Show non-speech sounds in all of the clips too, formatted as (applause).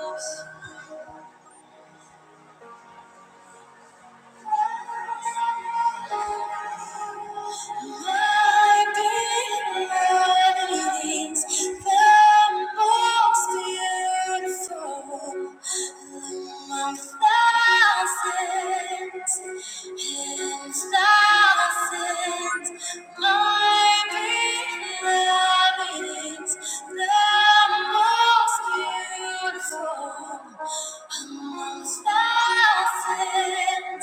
Oops. Beautiful amongst thousands. Beautiful.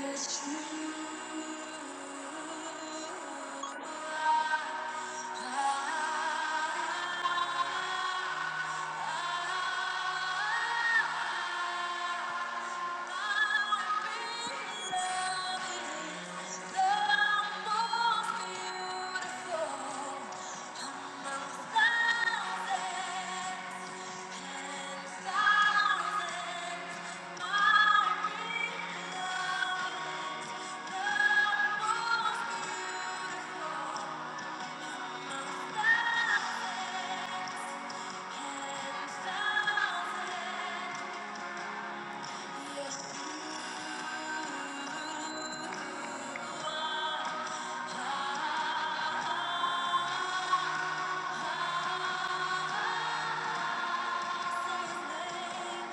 Yes, you. Yes, you are.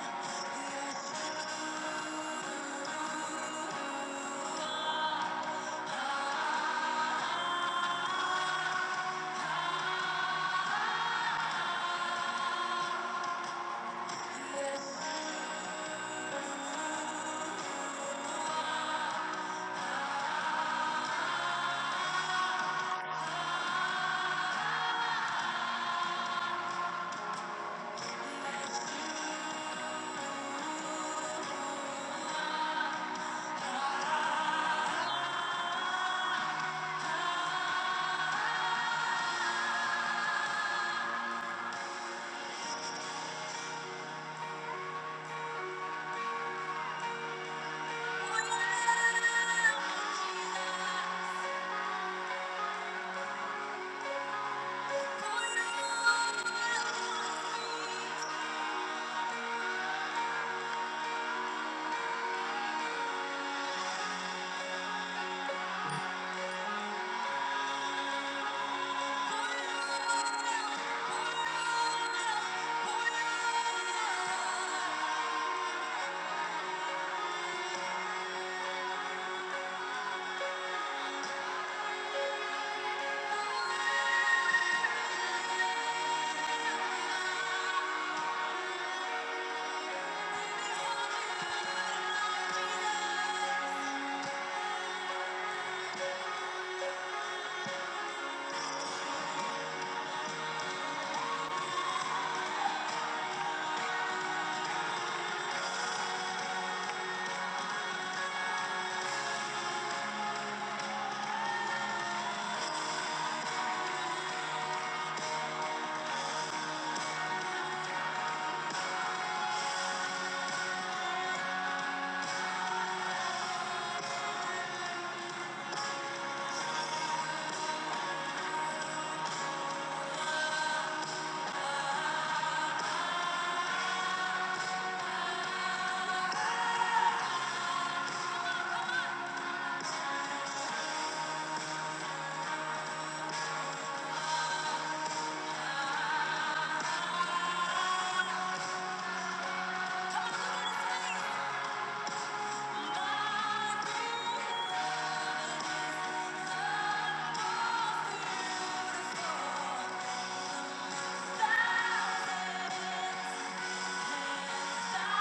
Thank you.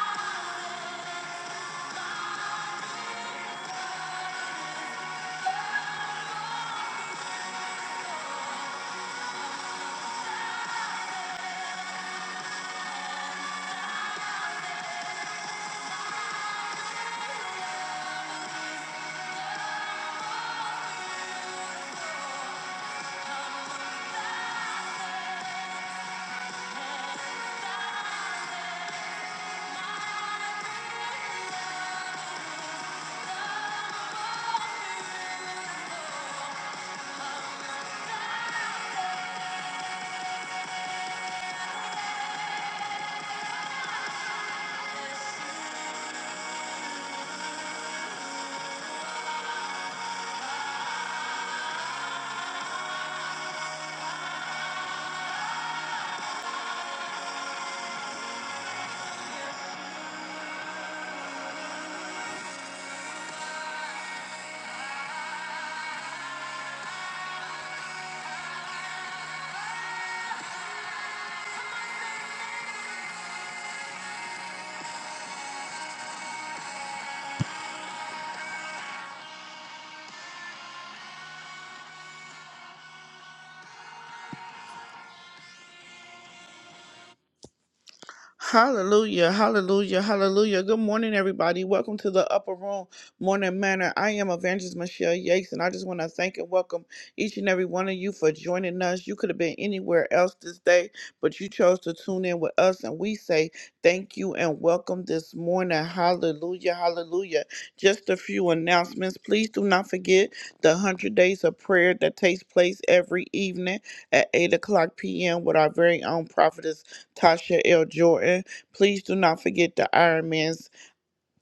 Hallelujah, hallelujah, hallelujah. Good morning, everybody. Welcome to the Upper Room Morning Manor. I am Evangelist Michelle Yates, and I just want to thank and welcome each and every one of you for joining us. You could have been anywhere else this day, but you chose to tune in with us, and we say thank you and welcome this morning. Hallelujah, hallelujah. Just a few announcements. Please do not forget the 100 Days of Prayer that takes place every evening at 8 o'clock p.m. with our very own prophetess. Tasha L. Jordan. Please do not forget the Iron Man's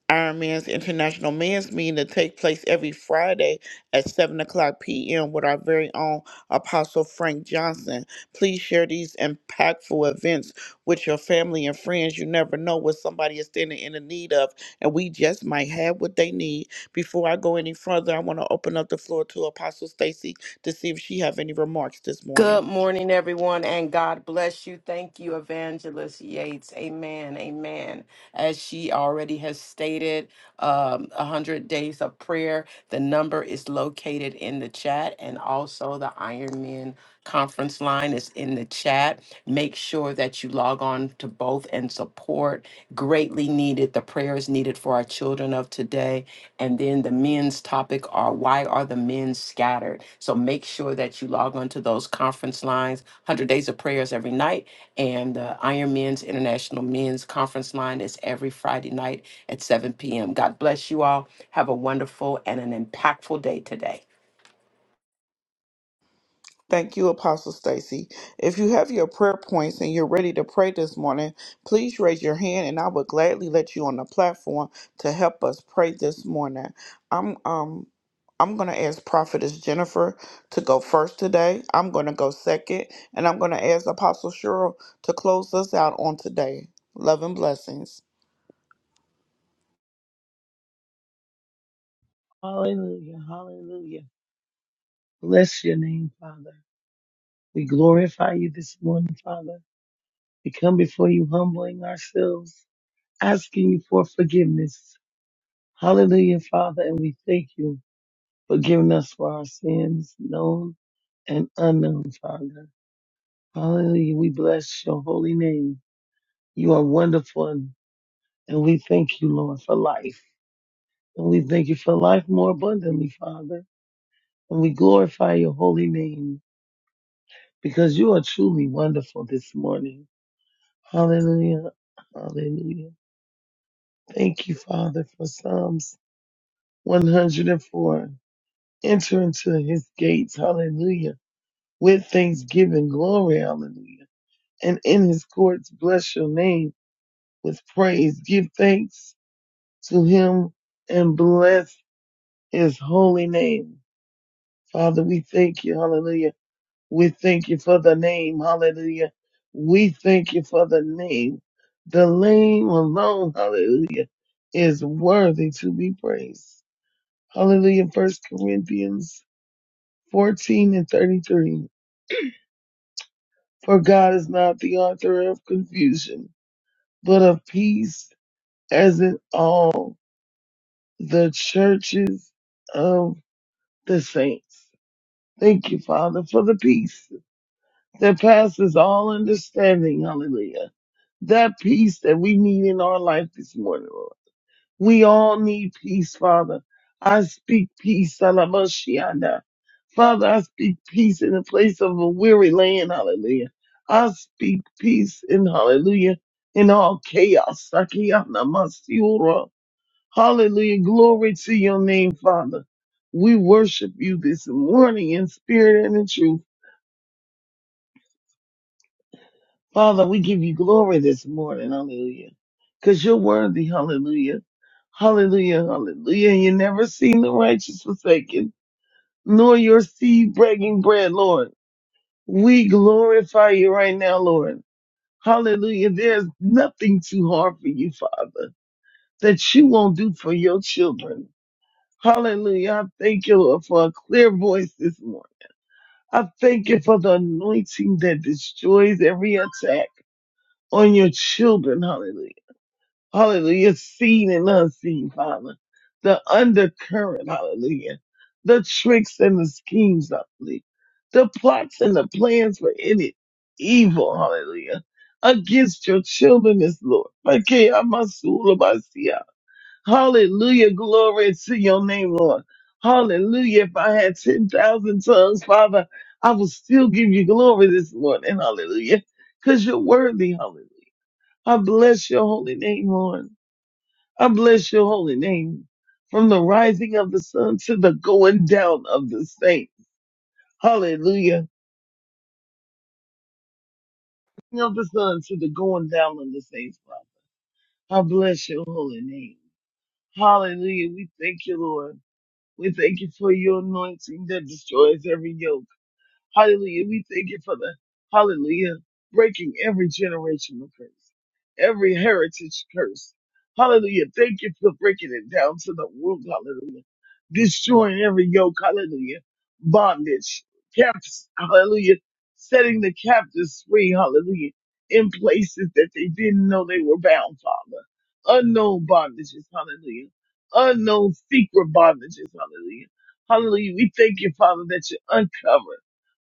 Iron Man's International Men's Meeting that take place every Friday at 7 o'clock p.m. with our very own Apostle Frank Johnson. Please share these impactful events with your family and friends. You never know what somebody is standing in the need of, and we just might have what they need. Before I go any further, I want to open up the floor to Apostle Stacy to see if she have any remarks this morning. Good morning, everyone, and God bless you. Thank you, Evangelist Yates. Amen. Amen. As she already has stated, um, 100 days of prayer. The number is located in the chat, and also the Ironman conference line is in the chat. Make sure that you log on to both and support. Greatly needed. The prayer is needed for our children of today and then the men's topic are why are the men scattered? So make sure that you log onto those conference lines, 100 Days of Prayers every night. And the Iron Men's International Men's Conference line is every Friday night at 7 p.m. God bless you all. Have a wonderful and an impactful day today. Thank you, Apostle Stacy. If you have your prayer points and you're ready to pray this morning, please raise your hand and I would gladly let you on the platform to help us pray this morning. I'm um I'm going to ask Prophetess Jennifer to go first today. I'm going to go second and I'm going to ask Apostle Cheryl to close us out on today. Love and blessings. Hallelujah. Hallelujah. Bless your name, Father. We glorify you this morning, Father. We come before you humbling ourselves, asking you for forgiveness. Hallelujah, Father. And we thank you for giving us for our sins, known and unknown, Father. Hallelujah. We bless your holy name. You are wonderful. And and we thank you, Lord, for life. And we thank you for life more abundantly, Father. And we glorify your holy name. because you are truly wonderful this morning. Hallelujah. Hallelujah. Thank you, Father, for Psalms 104. Enter into his gates. Hallelujah. With thanksgiving. Glory. Hallelujah. And in his courts, bless your name with praise. Give thanks to him and bless his holy name. Father, we thank you. Hallelujah We thank you for the name. Hallelujah. We thank you for the name. The name alone, hallelujah, is worthy to be praised. Hallelujah. First Corinthians 14 and 33. For God is not the author of confusion, but of peace, as in all the churches of the saints. Thank you, Father, for the peace. that passes all understanding. Hallelujah. That peace that we need in our life this morning, Lord. We all need peace, Father. I speak peace, Salamashianda. Father, I speak peace in the place of a weary land, hallelujah. I speak peace in hallelujah in all chaos. Sakiyana Masiura. Hallelujah. Glory to your name, Father. We worship you this morning in spirit and in truth. Father, we give you glory this morning. Hallelujah. Because you're worthy. Hallelujah. Hallelujah. Hallelujah. You never seen the righteous forsaken, nor your seed breaking bread, Lord. We glorify you right now, Lord. Hallelujah. There's nothing too hard for you, Father, that you won't do for your children. Hallelujah. I thank you, Lord, for a clear voice this morning. I thank you for the anointing that destroys every attack on your children. Hallelujah. hallelujah, seen and unseen, Father. The undercurrent, hallelujah. The tricks and the schemes, hallelujah. The plots and the plans for any evil, hallelujah. Against your children is Lord. Okay, I'm a my sea. Hallelujah, glory to your name, Lord. Hallelujah. If I had 10,000 tongues, Father, I will still give you glory this morning. Hallelujah. Because you're worthy. Hallelujah. I bless your holy name, Lord. I bless your holy name from the rising of the sun to the going down of the saints. Hallelujah. Of the sun to the going down of the saints, Father. I bless your holy name. Hallelujah. We thank you, Lord. We thank you for your anointing that destroys every yoke. Hallelujah. We thank you for the hallelujah breaking every generational curse, every heritage curse. Hallelujah. Thank you for breaking it down to the root. Hallelujah. Destroying every yoke. Hallelujah. Bondage. Caps. Hallelujah. Setting the captives free. Hallelujah. In places that they didn't know they were bound, Father. Unknown bondages. Hallelujah. Unknown secret bondages. Hallelujah. Hallelujah. We thank you, Father, that you uncover.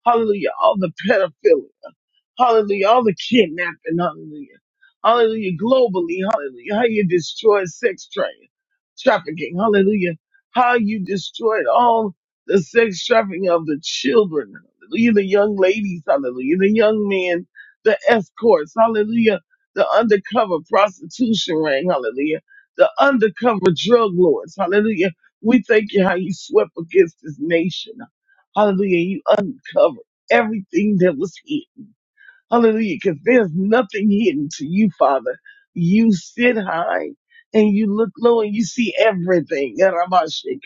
Hallelujah. All the pedophilia. Hallelujah. All the kidnapping. Hallelujah. Hallelujah. Globally. Hallelujah. How you destroyed sex trade, trafficking. Hallelujah. How you destroyed all the sex trafficking of the children. Hallelujah. The young ladies. Hallelujah. The young men. The escorts. Hallelujah. The undercover prostitution ring. Hallelujah. The undercover drug lords. Hallelujah. We thank you how you swept against this nation. Hallelujah. You uncover everything that was hidden. Hallelujah. Because there's nothing hidden to you, Father. You sit high and you look low and you see everything. Ramashik,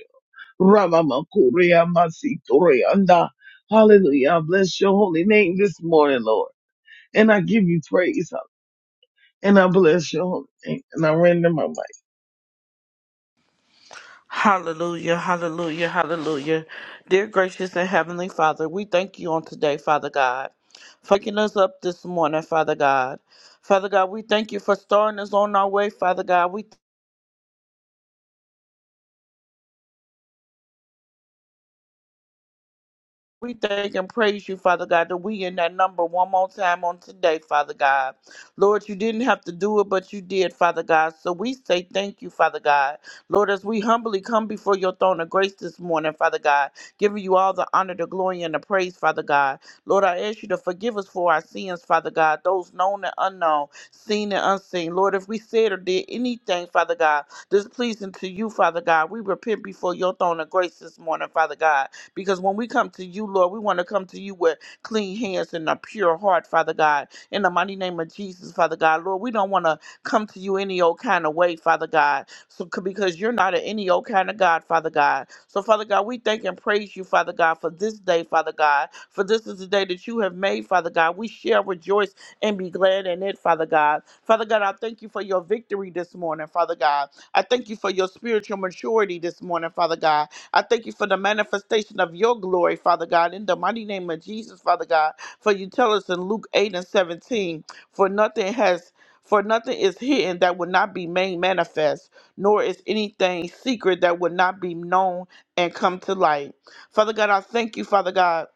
Ramamakuria, Masiturianda. Hallelujah. I bless your holy name this morning, Lord. And I give you praise. huh? And I bless your holy name. And I render my mic Hallelujah, hallelujah, hallelujah. Dear gracious and heavenly Father, we thank you on today, Father God, for waking us up this morning, Father God. Father God, we thank you for starting us on our way, Father God. We We thank and praise you, Father God, that we in that number one more time on today, Father God. Lord, you didn't have to do it, but you did, Father God. So we say thank you, Father God. Lord, as we humbly come before your throne of grace this morning, Father God, giving you all the honor, the glory, and the praise, Father God. Lord, I ask you to forgive us for our sins, Father God, those known and unknown, seen and unseen. Lord, if we said or did anything, Father God, displeasing to you, Father God, we repent before your throne of grace this morning, Father God. Because when we come to you, Lord, we want to come to you with clean hands and a pure heart, Father God. In the mighty name of Jesus, Father God, Lord, we don't want to come to you any old kind of way, Father God. So c- because you're not an any old kind of God, Father God. So Father God, we thank and praise you, Father God, for this day, Father God. For this is the day that you have made, Father God. We shall rejoice and be glad in it, Father God. Father God, I thank you for your victory this morning, Father God. I thank you for your spiritual maturity this morning, Father God. I thank you for the manifestation of your glory, Father God, in the mighty name of Jesus, Father God. For you tell us in Luke 8 and 17, for nothing has for nothing is hidden that will not be made manifest nor is anything secret that would not be known and come to light. Father God, I thank you, Father God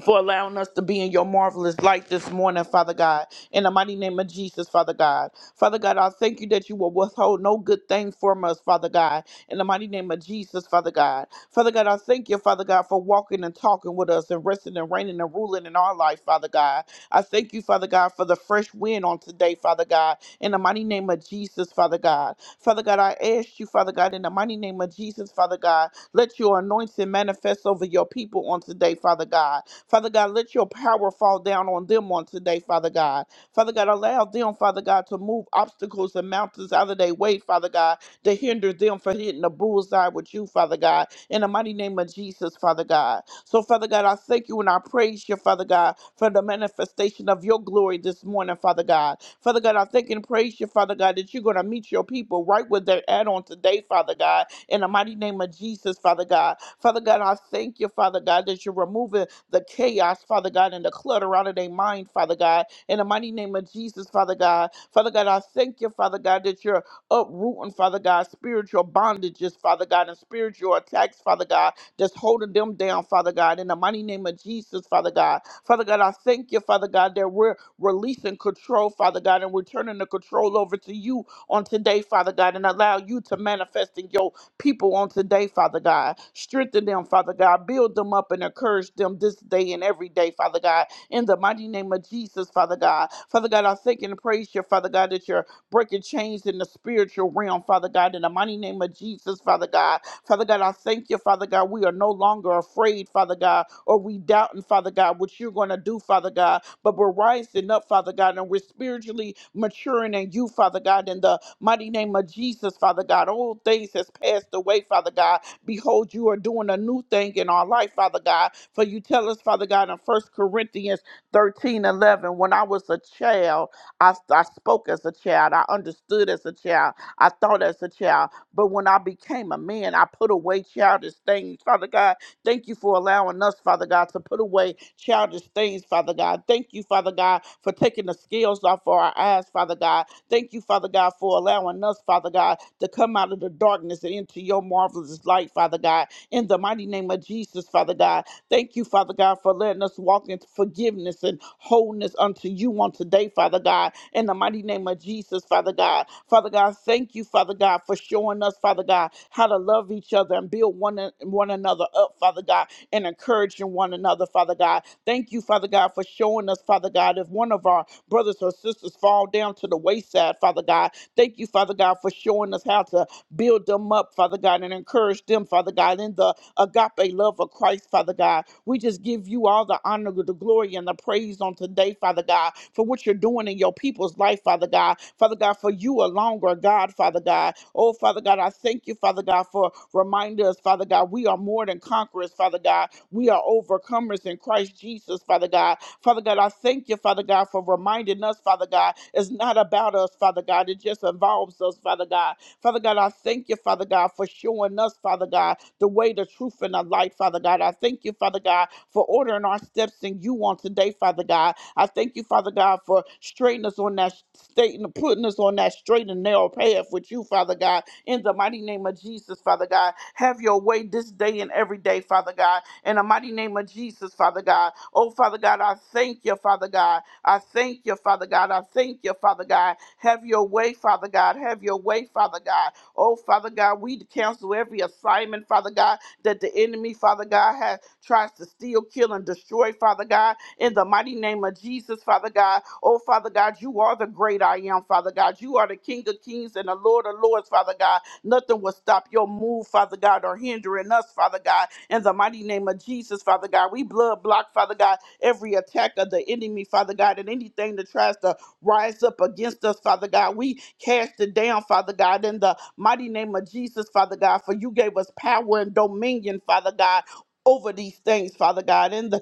for allowing us to be in your marvelous light this morning, Father God. In the mighty name of Jesus, Father God. Father God, I thank you that you will withhold no good thing from us, Father God. In the mighty name of Jesus, Father God. Father God, I thank you, Father God, for walking and talking with us and resting and reigning and ruling in our life, Father God. I thank you, Father God, for the fresh wind on today, Father God. In the mighty name of Jesus, Father God. Father God, I ask you, Father God, in the mighty name of Jesus, Father God, let your anointing manifest over your people on today, Father God. Father God, let your power fall down on them on today, Father God. Father God, allow them, Father God, to move obstacles and mountains out of their way, Father God, to hinder them from hitting the bullseye with you, Father God. In the mighty name of Jesus, Father God. So, Father God, I thank you and I praise you, Father God, for the manifestation of your glory this morning, Father God. Father God, I thank and praise you, Father God, that you're going to meet your people right where they're at on today, Father God. In the mighty name of Jesus, Father God. Father God, I thank you, Father God, that you're removing the chaos, Father God, and the clutter out of their mind, Father God. In the mighty name of Jesus, Father God. Father God, I thank you, Father God, that you're uprooting, Father God, spiritual bondages, Father God, and spiritual attacks, Father God, that's holding them down, Father God. In the mighty name of Jesus, Father God. Father God, I thank you, Father God, that we're releasing control, Father God, and we're turning the control over to you on today, Father God, and allow you to manifest in your people on today, Father God. Strengthen them, Father God. Build them up and encourage them this day and every day, Father God. In the mighty name of Jesus, Father God. Father God, I thank and praise you, Father God, that you're breaking chains in the spiritual realm, Father God. In the mighty name of Jesus, Father God. Father God, I thank you, Father God. We are no longer afraid, Father God, or we doubting, Father God, what you're going to do, Father God but we're rising up, Father God, and we're spiritually maturing in you, Father God, in the mighty name of Jesus, Father God. Old things has passed away, Father God. Behold, you are doing a new thing in our life, Father God. For you tell us, Father God, in First Corinthians 13 11. when I was a child, I, I spoke as a child, I understood as a child, I thought as a child, but when I became a man, I put away childish things, Father God. Thank you for allowing us, Father God, to put away childish things, Father God. Thank you, Father God, for taking the scales off of our eyes, Father God. Thank you, Father God, for allowing us, Father God, to come out of the darkness and into your marvelous light, Father God. In the mighty name of Jesus, Father God, Thank you, Father God, for letting us walk in forgiveness and wholeness unto you on today, Father God, in the mighty name of Jesus, Father God. Father God, thank you, Father God, for showing us, Father God, how to love each other and build one, one another up, Father God, and encouraging one another, Father God. Thank you, Father God, for showing us, Father God, if one of our brothers or sisters fall down to the wayside, Father God. Thank you, Father God, for showing us how to build them up, Father God, and encourage them them, Father God, in the agape love of Christ, Father God. We just give you all the honor, the glory, and the praise on today, Father God, for what you're doing in your people's life, Father God. Father God, for you alone are God, Father God. Oh, Father God, I thank you, Father God, for reminding us, Father God, we are more than conquerors, Father God. We are overcomers in Christ Jesus, Father God. Father God, I thank you, Father God, for reminding us, Father God, it's not about us, Father God. It just involves us, Father God. Father God, I thank you, Father God, for showing us, Father God, the way, the truth, and the light, Father God. I thank you, Father God, for ordering our steps in you on today, Father God. I thank you, Father God, for straightening us on that state and putting us on that straight and narrow path with you, Father God. In the mighty name of Jesus, Father God, have your way this day and every day, Father God. In the mighty name of Jesus, Father God. Oh, Father God, I thank you, Father God. I thank you, Father God. I thank you, Father God. Have your way, Father God. Have your way, Father God. Oh, Father God, we cancel every assignment, Father God, that the enemy, Father God, has tries to steal, kill, and destroy, Father God. In the mighty name of Jesus, Father God. Oh, Father God, you are the great I am, Father God. You are the King of Kings and the Lord of Lords, Father God. Nothing will stop your move, Father God, or hindering us, Father God. In the mighty name of Jesus, Father God, we blood block, Father God, every attack of the enemy, Father God, and anything that tries to rise up against us, Father God. We cast it down, Father God, in the mighty name of Jesus, Father God, for you gave us power and dominion, Father God. Over these things, Father God, in the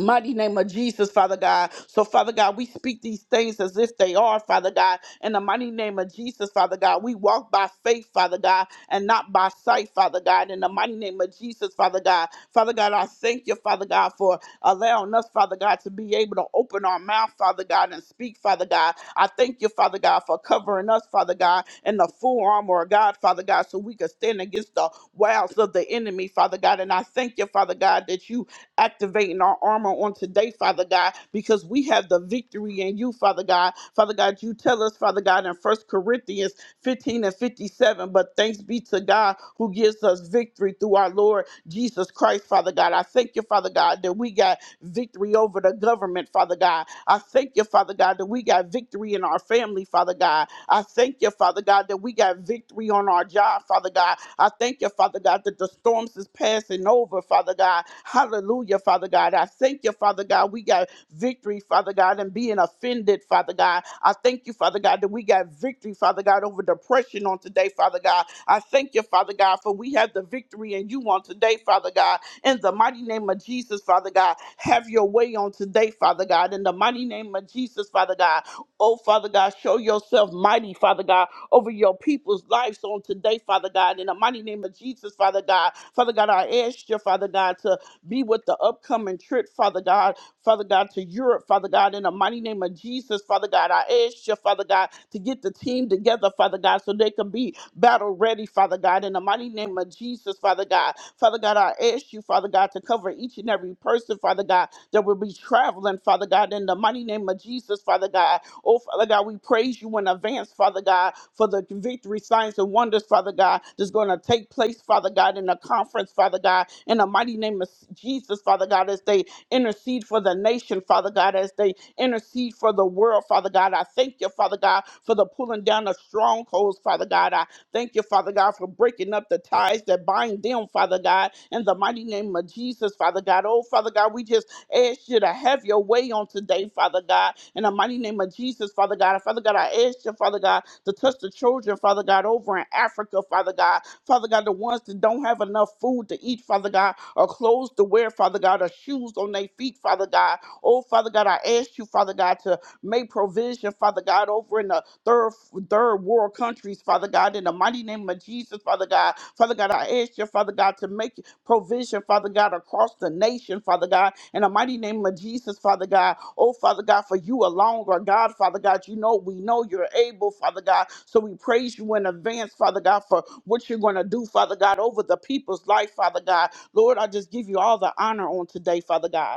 mighty name of Jesus, Father God. So, Father God, we speak these things as if they are, Father God. In the mighty name of Jesus, Father God, we walk by faith, Father God, and not by sight, Father God. In the mighty name of Jesus, Father God. Father God, I thank you, Father God, for allowing us, Father God, to be able to open our mouth, Father God, and speak, Father God. I thank you, Father God, for covering us, Father God, in the full armor of God, Father God, so we could stand against the wiles of the enemy, Father God. And I thank you, Father God, that you activating our armor on today, Father God, because we have the victory in you, Father God. Father God, you tell us, Father God, in First Corinthians 15 and 57, but thanks be to God who gives us victory through our Lord Jesus Christ, Father God. I thank you, Father God, that we got victory over the government, Father God. I thank you, Father God, that we got victory in our family, Father God. I thank you, Father God, that we got victory on our job, Father God. I thank you, Father God, that the storms is passing over, Father God. Hallelujah, Father God. I thank you, Father God, we got victory, Father God, and being offended, Father God. I thank you, Father God, that we got victory, Father God, over depression on today, Father God. I thank you, Father God, for we have the victory in you on today, Father God. In the mighty name of Jesus, Father God, have your way on today, Father God. In the mighty name of Jesus, Father God, oh, Father God, show yourself mighty, Father God, over your people's lives on today, Father God. In the mighty name of Jesus, Father God, Father God, I ask you, Father God, to be with the upcoming trip, Father God, Father God, to Europe, Father God, in the mighty name of Jesus, Father God. I ask you, Father God, to get the team together, Father God, so they can be battle ready, Father God, in the mighty name of Jesus, Father God. Father God, I ask you, Father God, to cover each and every every person, Father God, that will be traveling, Father God, in the mighty name of Jesus, Father God. Oh, Father God, we praise you in advance, Father God, for the victory, signs, and wonders, Father God, that's going to take place, Father God, in the conference, Father God, in the mighty name of Jesus, Father God, as they intercede for the nation, Father God, as they intercede for the world, Father God. I thank you, Father God, for the pulling down of strongholds, Father God. I Thank you, Father God, for breaking up the ties that bind them, Father God, in the mighty name of Jesus, Father God. Oh, Father God, we just ask you to have your way on today, Father God, in the mighty name of Jesus, Father God. Father God, I ask you, Father God, to touch the children, Father God, over in Africa, Father God. Father God, the ones that don't have enough food to eat, Father God, or clothes to wear, Father God, or shoes on their feet, Father God. Oh, Father God, I ask you, Father God, to Make provision, Father God, over in the third third world countries, Father God, in the mighty name of Jesus, Father God. Father God, I ask you, Father God, to make provision, Father God, across the nation, Father God, in the mighty name of Jesus, Father God. Oh, Father God, for you alone, or God, Father God, you know we know you're able, Father God. So we praise you in advance, Father God, for what you're going to do, Father God, over the people's life, Father God. Lord, I just give you all the honor on today, Father God.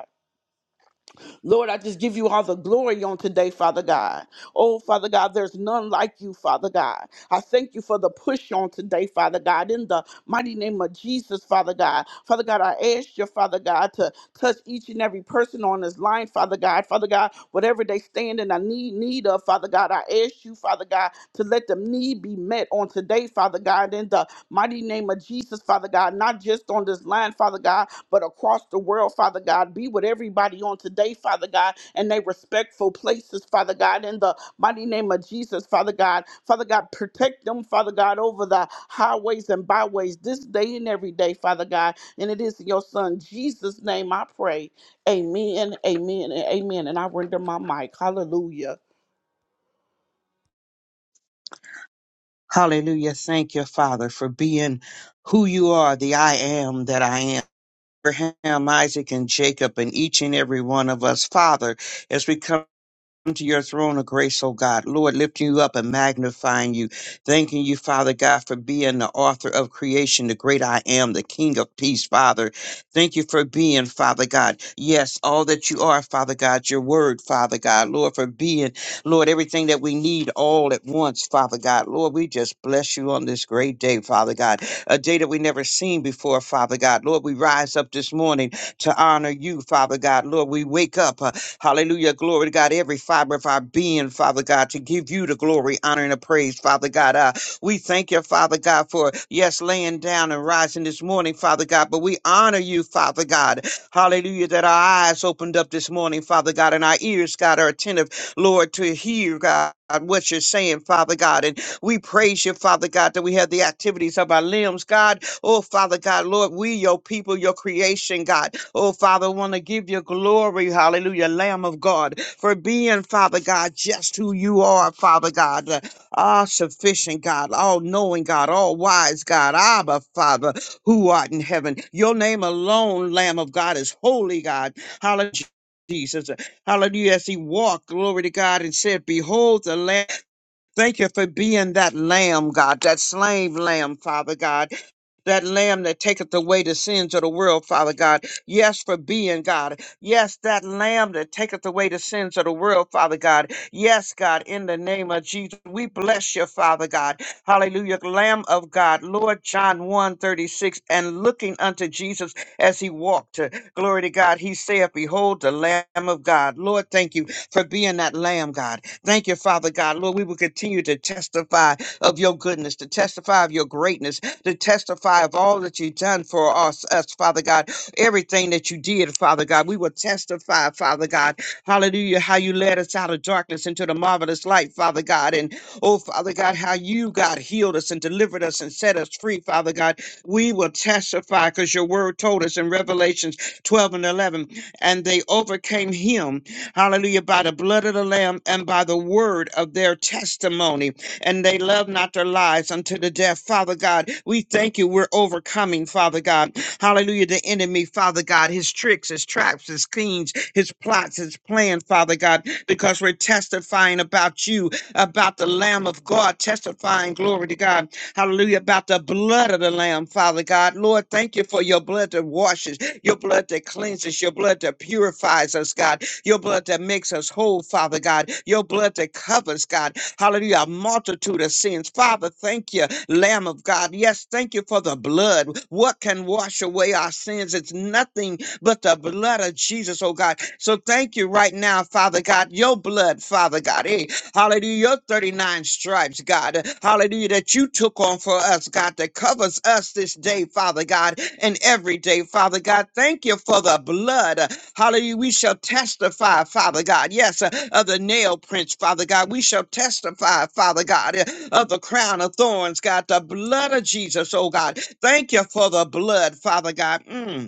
Lord, I just give you all the glory on today, Father God. Oh, Father God, there's none like you, Father God. I thank you for the push on today, Father God, in the mighty name of Jesus, Father God. Father God, I ask you, Father God, to touch each and every person on this line, Father God. Father God, whatever they stand in, I need need of, Father God. I ask you, Father God, to let them need be met on today, Father God, in the mighty name of Jesus, Father God. Not just on this line, Father God, but across the world, Father God. Be with everybody on today, Father God, and they respectful places, Father God, in the mighty name of Jesus, Father God. Father God, protect them, Father God, over the highways and byways this day and every day, Father God. And it is in your Son, Jesus' name, I pray. Amen, amen, and amen. And I render my mic. Hallelujah. Hallelujah. Thank you, Father, for being who you are, the I am that I am. Abraham, Isaac, and Jacob, and each and every one of us, Father, as we come to your throne of grace, oh God. Lord, lifting you up and magnifying you. Thanking you, Father God, for being the author of creation, the great I am, the King of peace, Father. Thank you for being, Father God. Yes, all that you are, Father God, your word, Father God. Lord, for being, Lord, everything that we need all at once, Father God. Lord, we just bless you on this great day, Father God. A day that we never seen before, Father God. Lord, we rise up this morning to honor you, Father God. Lord, we wake up. uh, Hallelujah. Glory to God. Every fiber of our being, Father God, to give you the glory, honor, and the praise, Father God. Uh, we thank you, Father God, for yes, laying down and rising this morning, Father God. But we honor you, Father God. Hallelujah. That our eyes opened up this morning, Father God, and our ears, God, are attentive, Lord, to hear, God. What you're saying, Father God. And we praise you, Father God, that we have the activities of our limbs, God Oh, Father God, Lord, we, your people, your creation, God. Oh, Father, want to give you glory, hallelujah, Lamb of God, for being, Father God, just who you are, Father God. Uh, All sufficient God, all knowing God, all wise God, Abba, Father, who art in heaven. Your name alone, Lamb of God, is holy, God. Hallelujah. Jesus. Hallelujah. As he walked, glory to God, and said, Behold the Lamb. Thank you for being that Lamb, God, that slain Lamb, Father God that lamb that taketh away the sins of the world, Father God. Yes, for being God. Yes, that lamb that taketh away the sins of the world, Father God. Yes, God, in the name of Jesus, we bless you, Father God. Hallelujah. Lamb of God, Lord John one 36. and looking unto Jesus as he walked. Glory to God. He saith, Behold, the Lamb of God. Lord, thank you for being that Lamb, God. Thank you, Father God. Lord, we will continue to testify of your goodness, to testify of your greatness to testify of all that you've done for us, us, Father God. Everything that you did, Father God, we will testify, Father God. Hallelujah, how you led us out of darkness into the marvelous light, Father God. And oh, Father God, how you, God, healed us and delivered us and set us free, Father God. We will testify because your word told us in Revelations 12 and 11, and they overcame him, hallelujah, by the blood of the Lamb and by the word of their testimony and they love not their lives unto the death. Father God, we thank you. We're overcoming, Father God. Hallelujah. The enemy, Father God, his tricks, his traps, his schemes, his plots, his plan, Father God, because we're testifying about you, about the Lamb of God, testifying, glory to God. Hallelujah. About the blood of the Lamb, Father God. Lord, thank you for your blood that washes, your blood that cleanses, your blood that purifies us, God. Your blood that makes us whole, Father God. Your blood that covers, God. Hallelujah. A multitude of sins. Father, thank you, Lamb of God. Yes, thank you for the blood. What can wash away our sins? It's nothing but the blood of Jesus, oh God. So thank you right now, Father God. Your blood, Father God. Hey, hallelujah. Your 39 stripes, God. Hallelujah. That you took on for us, God, that covers us this day, Father God, and every day, Father God. Thank you for the blood. Hallelujah. We shall testify, Father God. Yes, uh, of the nail prints, Father God. We shall testify, Father God, uh, of the crown of thorns, God, the blood of Jesus, oh God. Thank you for the blood, Father God. Mm.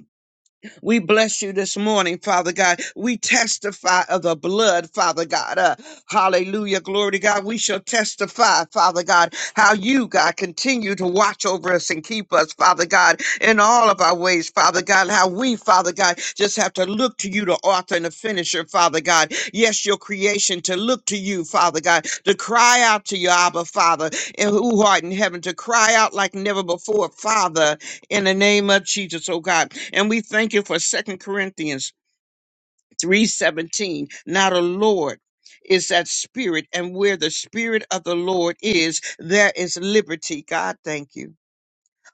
We bless you this morning, Father God. We testify of the blood, Father God. Uh, hallelujah. Glory to God. We shall testify, Father God, how you, God, continue to watch over us and keep us, Father God, in all of our ways, Father God. How we, Father God, just have to look to you, the author and the finisher, Father God. Yes, your creation, to look to you, Father God, to cry out to you, Abba, Father, and who art in heaven, to cry out like never before, Father in the name of Jesus, oh God. And we thank you for Second Corinthians 3:17. Now the Lord is that spirit, and where the spirit of the Lord is, there is liberty. God, thank you.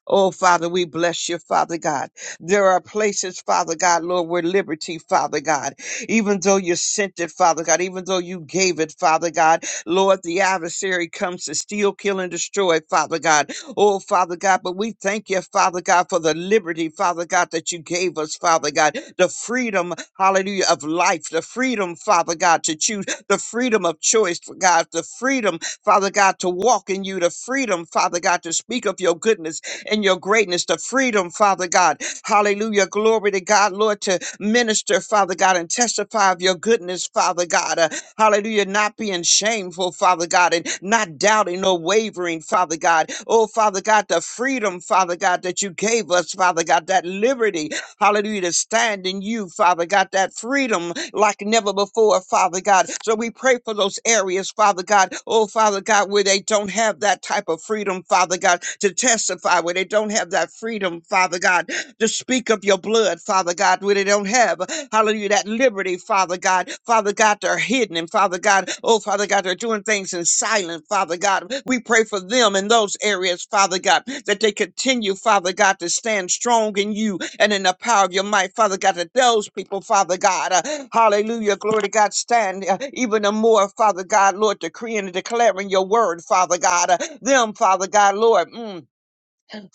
Oh, Father, we bless you, Father God. There are places, Father God, Lord, where liberty, Father God, even though you sent it, Father God, even though you gave it, Father God, Lord, the adversary comes to steal, kill, and destroy, Father God. Oh, Father God, but we thank you, Father God, for the liberty, Father God, that you gave us, Father God, the freedom, hallelujah, of life, the freedom, Father God, to choose, the freedom of choice, God, the freedom, Father God, to walk in you, the freedom, Father God, to speak of your goodness, and your greatness, the freedom, Father God. Hallelujah. Glory to God, Lord, to minister, Father God, and testify of your goodness, Father God. Uh, hallelujah. Not being shameful, Father God, and not doubting or wavering, Father God. Oh, Father God, the freedom, Father God, that you gave us, Father God, that liberty, hallelujah, to stand in you, Father God, that freedom like never before, Father God. So we pray for those areas, Father God, oh, Father God, where they don't have that type of freedom, Father God, to testify, where they don't have that freedom, Father God, to speak of your blood, Father God, where they don't have, hallelujah, that liberty, Father God. Father God, they're hidden, and Father God, oh, Father God, they're doing things in silence, Father God. We pray for them in those areas, Father God, that they continue, Father God, to stand strong in you and in the power of your might, Father God, that those people, Father God, uh, hallelujah, glory to God, stand uh, even the more, Father God, Lord, decreeing and declaring your word, Father God, uh, them, Father God, Lord, mm,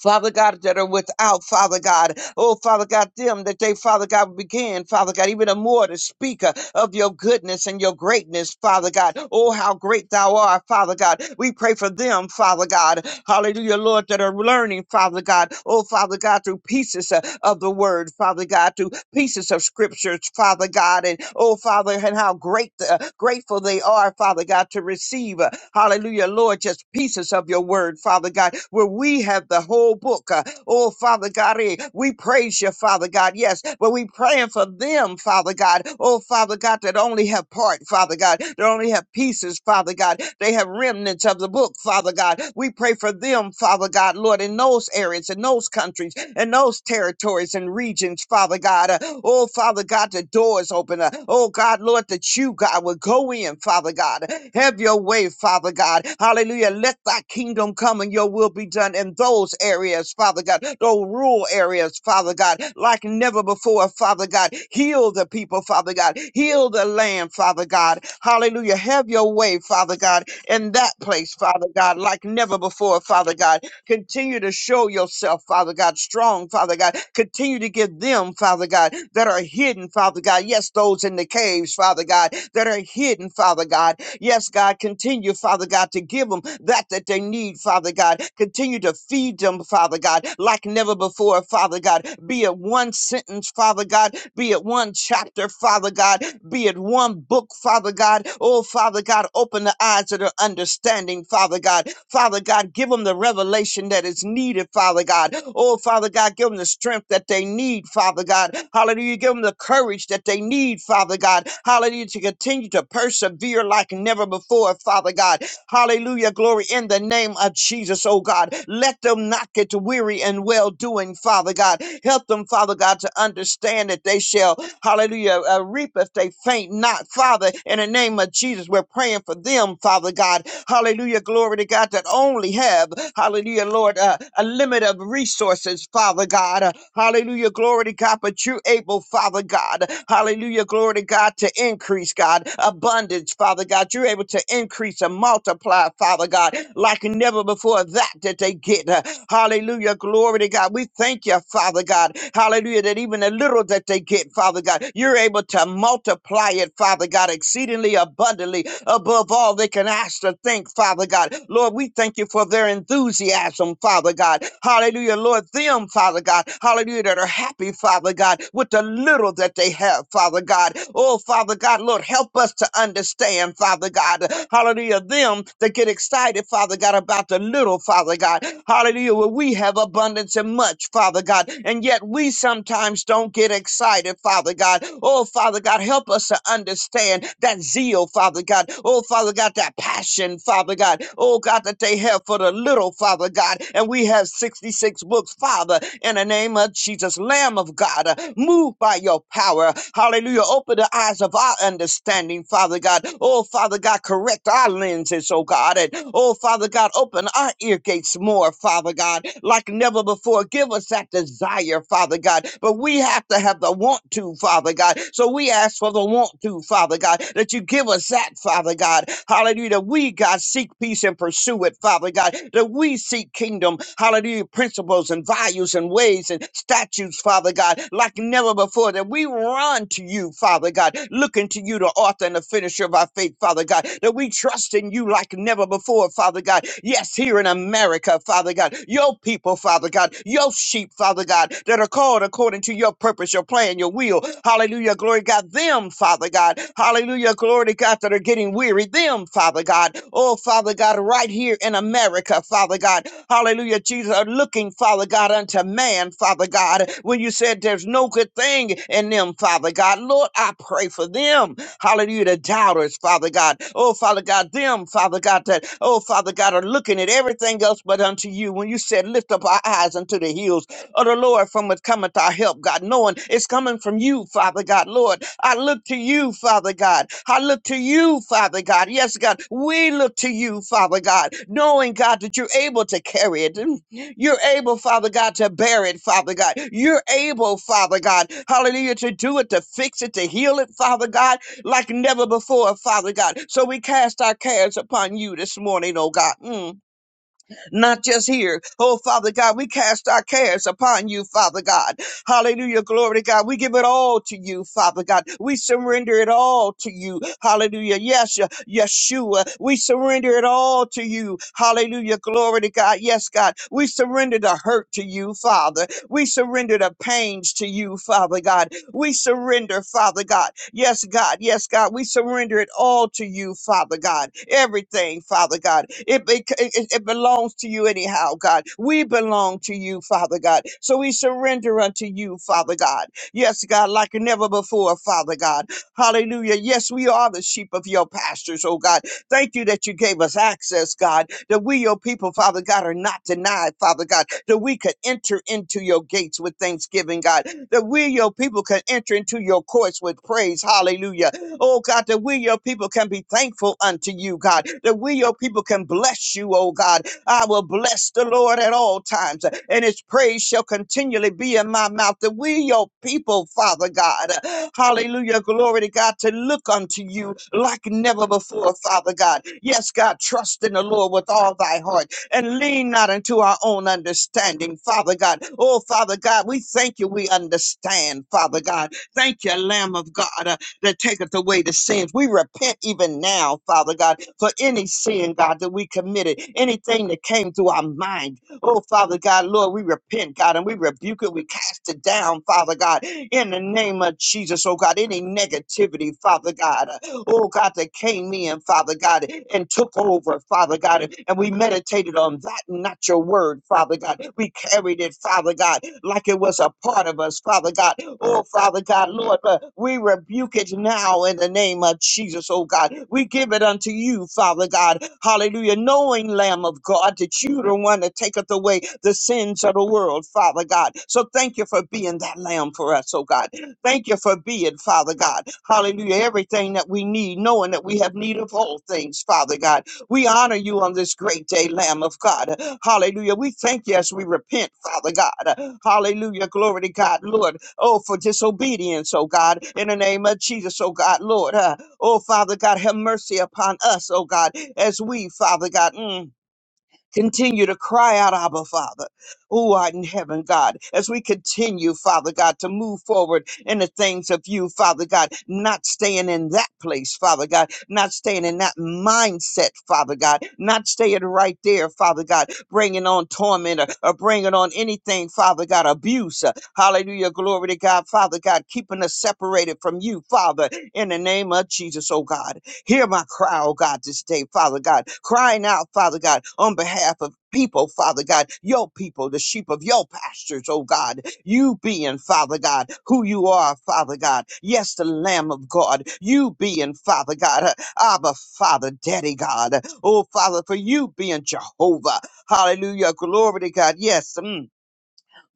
Father God, that are without, Father God. Oh, Father God, them that they, Father God, began, Father God, even the more to speak uh, of your goodness and your greatness, Father God. Oh, how great thou art, Father God. We pray for them, Father God. Hallelujah, Lord, that are learning, Father God. Oh, Father God, through pieces uh, of the word, Father God, through pieces of scriptures, Father God. And oh, Father, and how great the, uh, great grateful they are, Father God, to receive, uh, hallelujah, Lord, just pieces of your word, Father God, where we have the whole book. uh, Oh, Father God, eh, we praise you, Father God, yes, but we praying for them, Father God. Oh, Father God, that only have part, Father God, that only have pieces, Father God. They have remnants of the book, Father God. We pray for them, Father God, Lord, in those areas, in those countries, in those those territories and regions, Father God. Uh, Oh, Father God, the doors open. Uh, Oh, God, Lord, that you, God, will go in, Father God. Have your way, Father God. Hallelujah. Let thy kingdom come and your will be done in those areas, Father God, those rural areas, Father God, like never before, Father God. Heal the people, Father God. Heal the land, Father God. Hallelujah. Have your way, Father God, in that place, Father God, like never before, Father God. Continue to show yourself, Father God, strong, Father God. Continue to give them, Father God, that are hidden, Father God. Yes, those in the caves, Father God, that are hidden, Father God. Yes, God, continue, Father God, to give them that that they need, Father God. Continue to feed them, Father God, like never before, Father God. Be it one sentence, Father God, be it one chapter, Father God, be it one book, Father God. Oh, Father God, open the the eyes of their understanding, Father God. Father God, give them the revelation that is needed, Father God. Oh, Father God, give them the strength that they need, Father God. Hallelujah. Give them the courage that they need, Father God. Hallelujah. To continue to persevere like never before, Father God. Hallelujah. Glory in the name of Jesus, oh God. Let them not get weary and well doing, Father God. Help them, Father God, to understand that they shall Hallelujah. Uh, reap if they faint not, Father. In the name of Jesus, we're praying for them, Father God. Hallelujah. Glory to God that only have, hallelujah, Lord, uh, a limit of resources, Father God. Uh, hallelujah. Glory to God, but you're able, Father God. Hallelujah. Glory to God to increase, God. Abundance, Father God. You're able to increase and multiply, Father God, like never before that that they get. Uh, hallelujah. Glory to God. We thank you, Father God. God. Hallelujah. That even the little that they get, Father God, you're able to multiply it, Father God, exceedingly abundantly above all they can ask to think, Father God. Lord, we thank you for their enthusiasm, Father God. Hallelujah. Lord, them, Father God. Hallelujah. That are happy, Father God, with the little that they have, Father God. Oh, Father God, Lord, help us to understand, Father God. Hallelujah. Them that get excited, Father God, about the little, Father God. Hallelujah. Well, we we have abundance and much, Father God, and yet we sometimes don't get excited, Father God. Oh, Father God, help us to understand that zeal, Father God. Oh, Father God, that passion, Father God. Oh, God, that they have for the little, Father God. And we have 66 books, Father, in the name of Jesus, Lamb of God. uh, Move by your power. Hallelujah. Open the eyes of our understanding, Father God. Oh, Father God, correct our lenses, oh God. And oh, Father God, God, open our ear gates more, Father God, like never before. Give us that desire, Father God. But we have to have the want to, Father God. So we ask for the want to, Father God, that you give us that, Father God. Hallelujah. That we, God, seek peace and pursue it, Father God. That we seek kingdom, hallelujah, principles and values and ways and statutes, Father God, like never before. That we run to you, Father God, looking to you, the author and the finisher of our faith, Father God. That we Father, we trust in you like never before, Father God. Yes, here in America, Father God, your people, Father God, your sheep, Father God, that are called according to your purpose, your plan, your will. Hallelujah, glory to God, them, Father God. Hallelujah, glory to God, that are getting weary, them, Father God. Oh, Father God, right here in America, Father God. Hallelujah, Jesus, are looking, Father God, unto man, Father God, when you said there's no good thing in them, Father God. Lord, I pray for them. Hallelujah. The doubters, Father God. Oh, Father God, them, Father God, that, oh, Father God, are looking at everything else but unto you. When you said, lift up our eyes unto the hills of the Lord from which cometh our help, God, knowing it's coming from you, Father God. Lord, I look to you, Father God. I look to you, Father God. Yes, God, we look to you, Father God, knowing, God, that you're able to carry it. (laughs) You're able, Father God, to bear it, Father God. You're able, Father God, hallelujah, to do it, to fix it, to heal it, Father God like never before, Father God. So we cast our cares upon you this morning, oh God. Mm. Not just here. Oh, Father God, we cast our cares upon you, Father God. Hallelujah. Glory to God. We give it all to you, Father God. We surrender it all to you. Hallelujah. Yes, Ye- Yeshua. We surrender it all to you. Hallelujah. Glory to God. Yes, God. We surrender the hurt to you, Father. We surrender the pains to you, Father God. We surrender, Father God. Yes, God. Yes, God. We surrender it all to you, Father God. Everything, Father God. It, be- it, it belongs to you anyhow, God. We belong to you, Father God. So we surrender unto you, Father God. Yes, God, like never before, Father God. Hallelujah. Yes, we are the sheep of your pastures, oh God. Thank you that you gave us access, God that we, your people, Father God, are not denied, Father God, that we could enter into your gates with thanksgiving, God, that we, your people, can enter into your courts with praise. Hallelujah. Oh God, that we, your people, can be thankful unto you, God, that we, your people, can bless you, oh God, I will bless the Lord at all times, and his praise shall continually be in my mouth. That we, your people, Father God, hallelujah, glory to God, to look unto you like never before, Father God. Yes, God, trust in the Lord with all thy heart and lean not into our own understanding, Father God. Oh, Father God, we thank you, we understand, Father God. Thank you, Lamb of God that taketh away the sins. We repent even now, Father God, for any sin, God, that we committed, anything that came to our mind. Oh, Father God, Lord, we repent, God, and we rebuke it. We cast it down, Father God, in the name of Jesus, oh God, any negativity, Father God, uh, oh God, that came in, Father God, and took over, Father God, and we meditated on that, not your word, Father God. We carried it, Father God, like it was a part of us, Father God. Oh, Father God, Lord, but we rebuke it now in the name of Jesus, oh God. We give it unto you, Father God. Hallelujah. Knowing, Lamb of God, that you the one that taketh away the sins of the world, Father God. So thank you for being that Lamb for us, oh God. Thank you for being, Father God. Hallelujah. Everything that we need, knowing that we have need of all things, Father God we honor you on this great day, Lamb of God. Hallelujah. We thank you as we repent, Father God. Hallelujah. Glory to God, Lord. Oh, for disobedience, oh God, in the name of Jesus, oh God, Lord. Uh, oh, Father God, have mercy upon us, oh God, as we, Father God. mm, Continue to cry out, Abba, Father, who art in heaven, God, as we continue, Father God, to move forward in the things of you, Father God, not staying in that place, Father God, not staying in that mindset, Father God, not staying right there, Father God, bringing on torment or, or bringing on anything, Father God, abuse. uh, Hallelujah. Glory to God, Father God, keeping us separated from you, Father, in the name of Jesus, oh God. Hear my cry, oh God, this day, Father God, crying out, Father God, on behalf of people, Father God, your people, the sheep of your pastures, oh God, you being, Father God, who you are, Father God. Yes, the Lamb of God, you being, Father God, uh, Abba, Father, Daddy God. Oh, Father, for you being Jehovah. Hallelujah. Glory to God. Yes. mm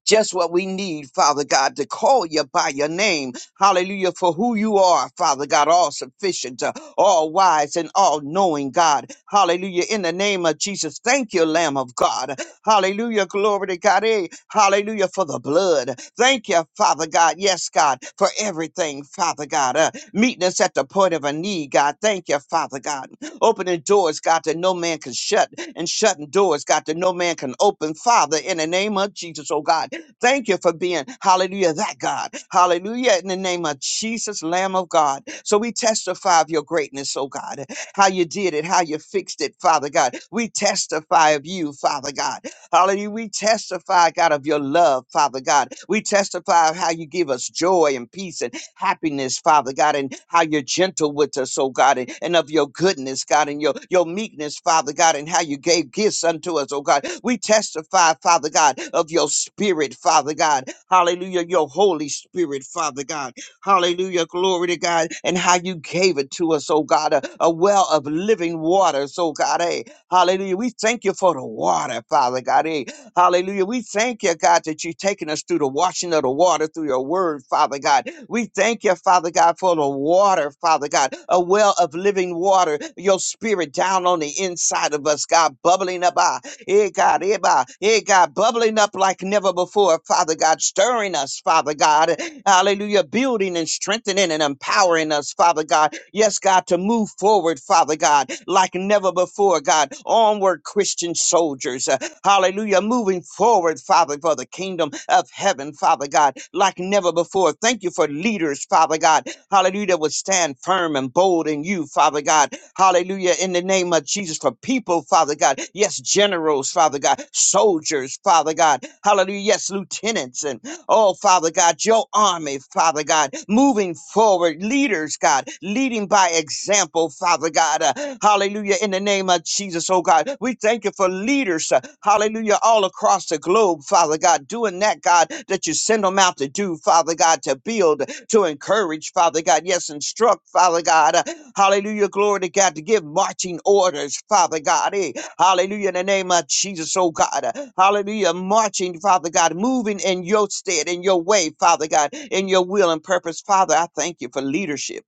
just what we need, Father God, to call you by your name. Hallelujah. For who you are, Father God, all sufficient, uh, all wise, and all knowing, God. Hallelujah. In the name of Jesus, thank you, Lamb of God. Hallelujah. Glory to God. Eh, Hallelujah for the blood. Thank you, Father God. Yes, God, for everything, Father God. Uh, meeting us at the point of a need, God. Thank you, Father God. Opening doors, God, that no man can shut, and shutting doors, God, that no man can open. Father, in the name of Jesus, oh God. Thank you for being, hallelujah, that God. Hallelujah, in the name of Jesus, Lamb of God. So we testify of your greatness, oh God, how you did it, how you fixed it, Father God. We testify of you, Father God. Hallelujah. We testify, God, of your love, Father God. We testify of how you give us joy and peace and happiness, Father God, and how you're gentle with us, oh God, and, and of your goodness, God, and your, your meekness, Father God, and how you gave gifts unto us, oh God. We testify, Father God, of your spirit, Father God. Hallelujah, your Holy Spirit, Father God. Hallelujah. Glory to God. And how you gave it to us, oh God, a, a well of living waters, oh God. eh. Hallelujah. We thank you for the water, Father God. eh. Hallelujah. We thank you, God, that you've taken us through the washing of the water through your word, Father God. We thank you, Father God, for the water, Father God, a well of living water, your spirit down on the inside of us, God, bubbling up. Ah, eh, God, eh, bah, eh, God, bubbling up like never before, Father God, stirring us, Father God. Hallelujah, building and strengthening and empowering us, Father God. Yes, God, to move forward, Father God, like never before, God. Onward, Christian soldiers. Hallelujah. Moving forward, Father, for the kingdom of heaven, Father God, like never before. Thank you for leaders, Father God. Hallelujah. That would stand firm and bold in you, Father God. Hallelujah. In the name of Jesus, for people, Father God. Yes, generals, Father God. Soldiers, Father God. Hallelujah. Yes, lieutenants. and. Oh, Father God, your army, Father God, moving forward, leaders, God, leading by example, Father God. Uh, hallelujah. In the name of Jesus, oh God, we thank you for leaders, uh, hallelujah, all across the globe, Father God, doing that, God, that you send them out to do, Father God, to build, to encourage, Father God, yes, instruct, Father God. Uh, hallelujah. Glory to God, to give marching orders, Father God. Eh? Hallelujah. In the name of Jesus, oh God. Hallelujah. Marching, Father God, moving in your stead, in your way, Father God, in your will and purpose. Father, I thank you for leadership.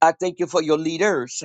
I thank you for your leaders.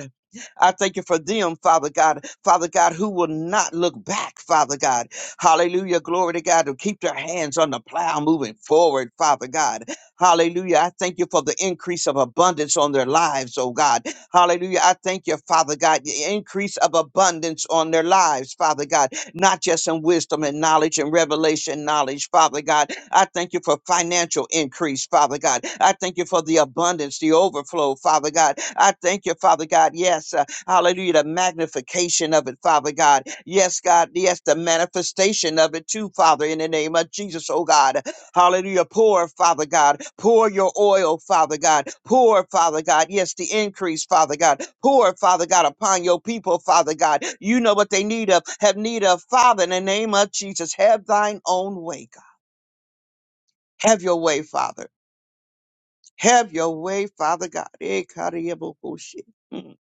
I thank you for them, Father God. Father God, who will not look back, Father God. Hallelujah. Glory to God to keep their hands on the plow moving forward, Father God. Hallelujah. I thank you for the increase of abundance on their lives, oh God. Hallelujah. I thank you, Father God, the increase of abundance on their lives, Father God, not just in wisdom and knowledge and revelation knowledge, Father God. I thank you for financial increase, Father God. I thank you for the abundance, the overflow, Father God. I thank you, Father God. Yes. Hallelujah. The magnification of it, Father God. Yes, God. Yes, the manifestation of it too, Father, in the name of Jesus, oh God. Hallelujah. Pour, Father God. Pour your oil, Father God. Pour, Father God. Yes, the increase, Father God. Pour, Father God, upon your people, Father God. You know what they need of, have need of, Father, in the name of Jesus. Have thine own way, God. Have your way, Father. Have your way, Father God. Eh, kariyabu kushi. Mm.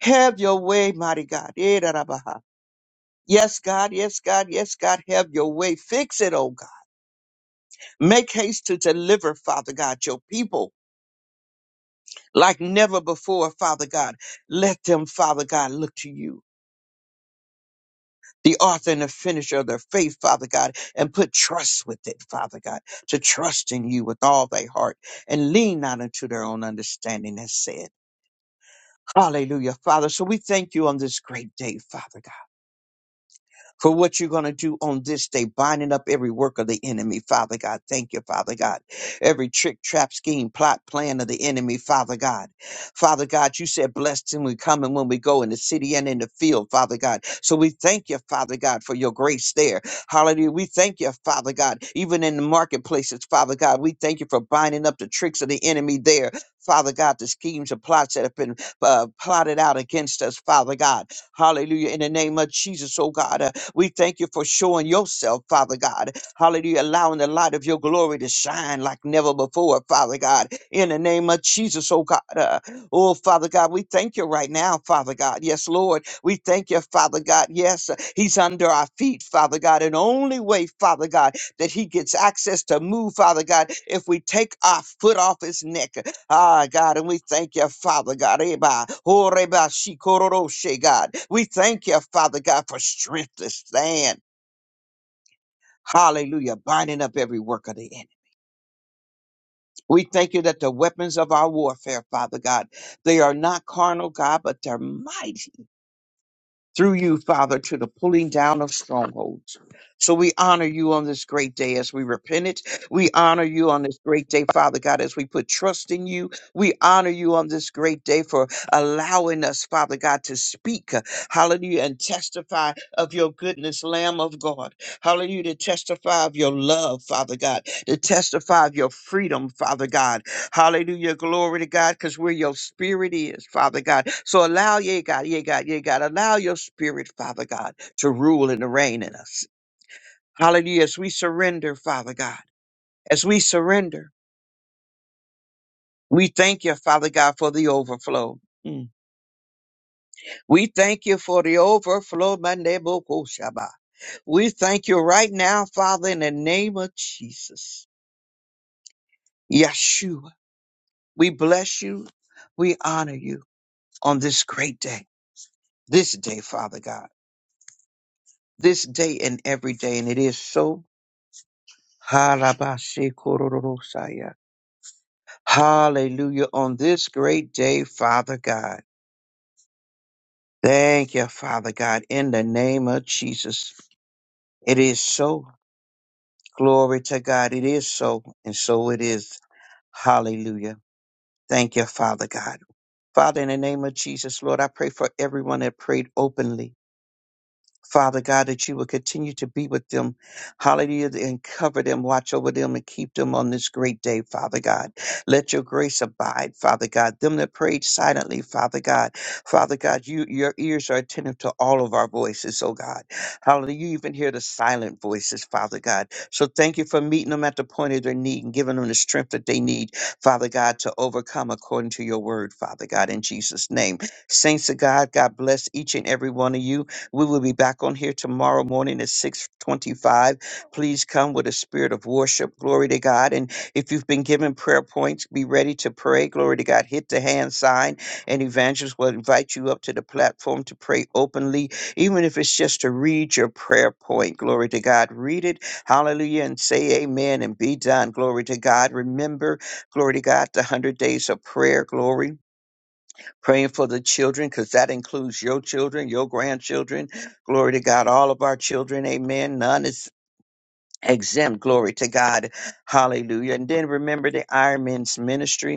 Have your way, mighty God. Eh, da, da, ba, ha. Yes, God, yes, God, yes, God, have your way. Fix it, oh God. Make haste to deliver, Father God, your people like never before, Father God. Let them, Father God, look to you, the author and the finisher of their faith, Father God, and put trust with it, Father God, to trust in you with all their heart and lean not unto their own understanding, as said. Hallelujah, Father. So we thank you on this great day, Father God. for what you're going to do on this day, binding up every work of the enemy, Father God. Thank you, Father God. Every trick, trap, scheme, plot, plan of the enemy, Father God. Father God, you said, blessed when we come and when we go in the city and in the field, Father God. So we thank you, Father God, for your grace there. Hallelujah. We thank you, Father God, even in the marketplaces, Father God. We thank you for binding up the tricks of the enemy there. Father God, the schemes and plots that have been uh, plotted out against us, Father God. Hallelujah. In the name of Jesus, oh God. uh, we thank you for showing yourself, Father God. Hallelujah. Allowing the light of your glory to shine like never before, Father God. In the name of Jesus, oh God. Uh, oh, Father God, we thank you right now, Father God. Yes, Lord. We thank you, Father God. Yes, uh, He's under our feet, Father God. And only way, Father God, that He gets access to move, Father God, if we take our foot off His neck. Ah, God, and we thank you, Father God. Eba, oreba, she God. We thank you, Father God, for strength to stand. Hallelujah. Binding up every work of the enemy. We thank you that the weapons of our warfare, Father God, they are not carnal, God, but they're mighty. through you, Father, to the pulling down of strongholds. So we honor you on this great day as we repent it. We honor you on this great day, Father God, as we put trust in you. We honor you on this great day for allowing us, Father God, to speak, uh, hallelujah, and testify of your goodness, Lamb of God. Hallelujah, to testify of your love, Father God, to testify of your freedom, Father God. Hallelujah. Glory to God, because where your spirit is, Father God. So allow, yeah, God, yeah, God, yeah, God, allow your spirit, Father God, to rule and to reign in us. Hallelujah. As we surrender, Father God, as we surrender, we thank you, Father God, for the overflow. Mm. We thank you for the overflow, Mandebokoshaba. We thank you right now, Father, in the name of Jesus. Yeshua, we bless you. We honor you on this great day, this day, Father God. this day and every day, and it is so. Harabashikororosaya. Hallelujah. On this great day, Father God. Thank you, Father God, in the name of Jesus. It is so. Glory to God. It is so, and so it is. Hallelujah. Thank you, Father God. Father, in the name of Jesus, Lord, I pray for everyone that prayed openly. Father God, that you will continue to be with them, hallelujah, and cover them, watch over them, and keep them on this great day, Father God. Let your grace abide, Father God. Them that prayed silently, Father God. Father God, you your ears are attentive to all of our voices, oh God. Hallelujah. You even hear the silent voices, Father God. So thank you for meeting them at the point of their need and giving them the strength that they need, Father God, to overcome according to your word, Father God, in Jesus' name. Saints of God, God bless each and every one of you. We will be back on here tomorrow morning at 625. Please come with a spirit of worship. Glory to God. And if you've been given prayer points, be ready to pray. Glory to God. Hit the hand sign and evangelists will invite you up to the platform to pray openly, even if it's just to read your prayer point. Glory to God. Read it. Hallelujah. And say amen and be done. Glory to God. Remember, glory to God, the 100 days of prayer. Glory praying for the children because that includes your children, your grandchildren. Glory to God, all of our children. Amen. None is exempt. Glory to God. Hallelujah. And then remember the Iron Men's ministry.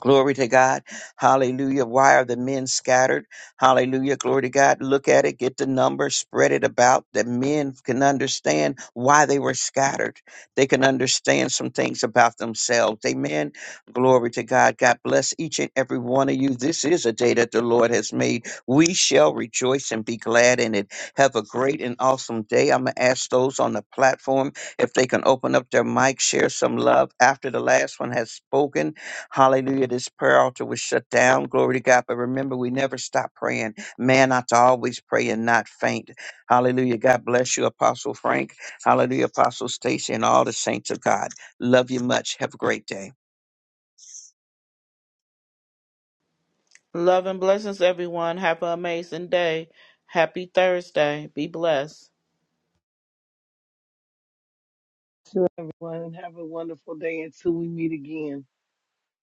Glory to God. Hallelujah. Why are the men scattered? Hallelujah. Glory to God. Look at it, get the number, spread it about that men can understand why they were scattered. They can understand some things about themselves. Amen. Glory to God. God bless each and every one of you. This is a day that the Lord has made. We shall rejoice and be glad in it. Have a great and awesome day. I'm going to ask those on the platform if they can open up their mic, share some love after the last one has spoken. Hallelujah. This prayer altar was shut down. Glory to God. But remember, we never stop praying. Man ought to always pray and not faint. Hallelujah. God bless you, Apostle Frank. Hallelujah, Apostle Stacy, and all the saints of God. Love you much. Have a great day. Love and blessings, everyone. Have an amazing day. Happy Thursday. Be blessed. to everyone. Have a wonderful day until we meet again.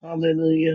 Hallelujah.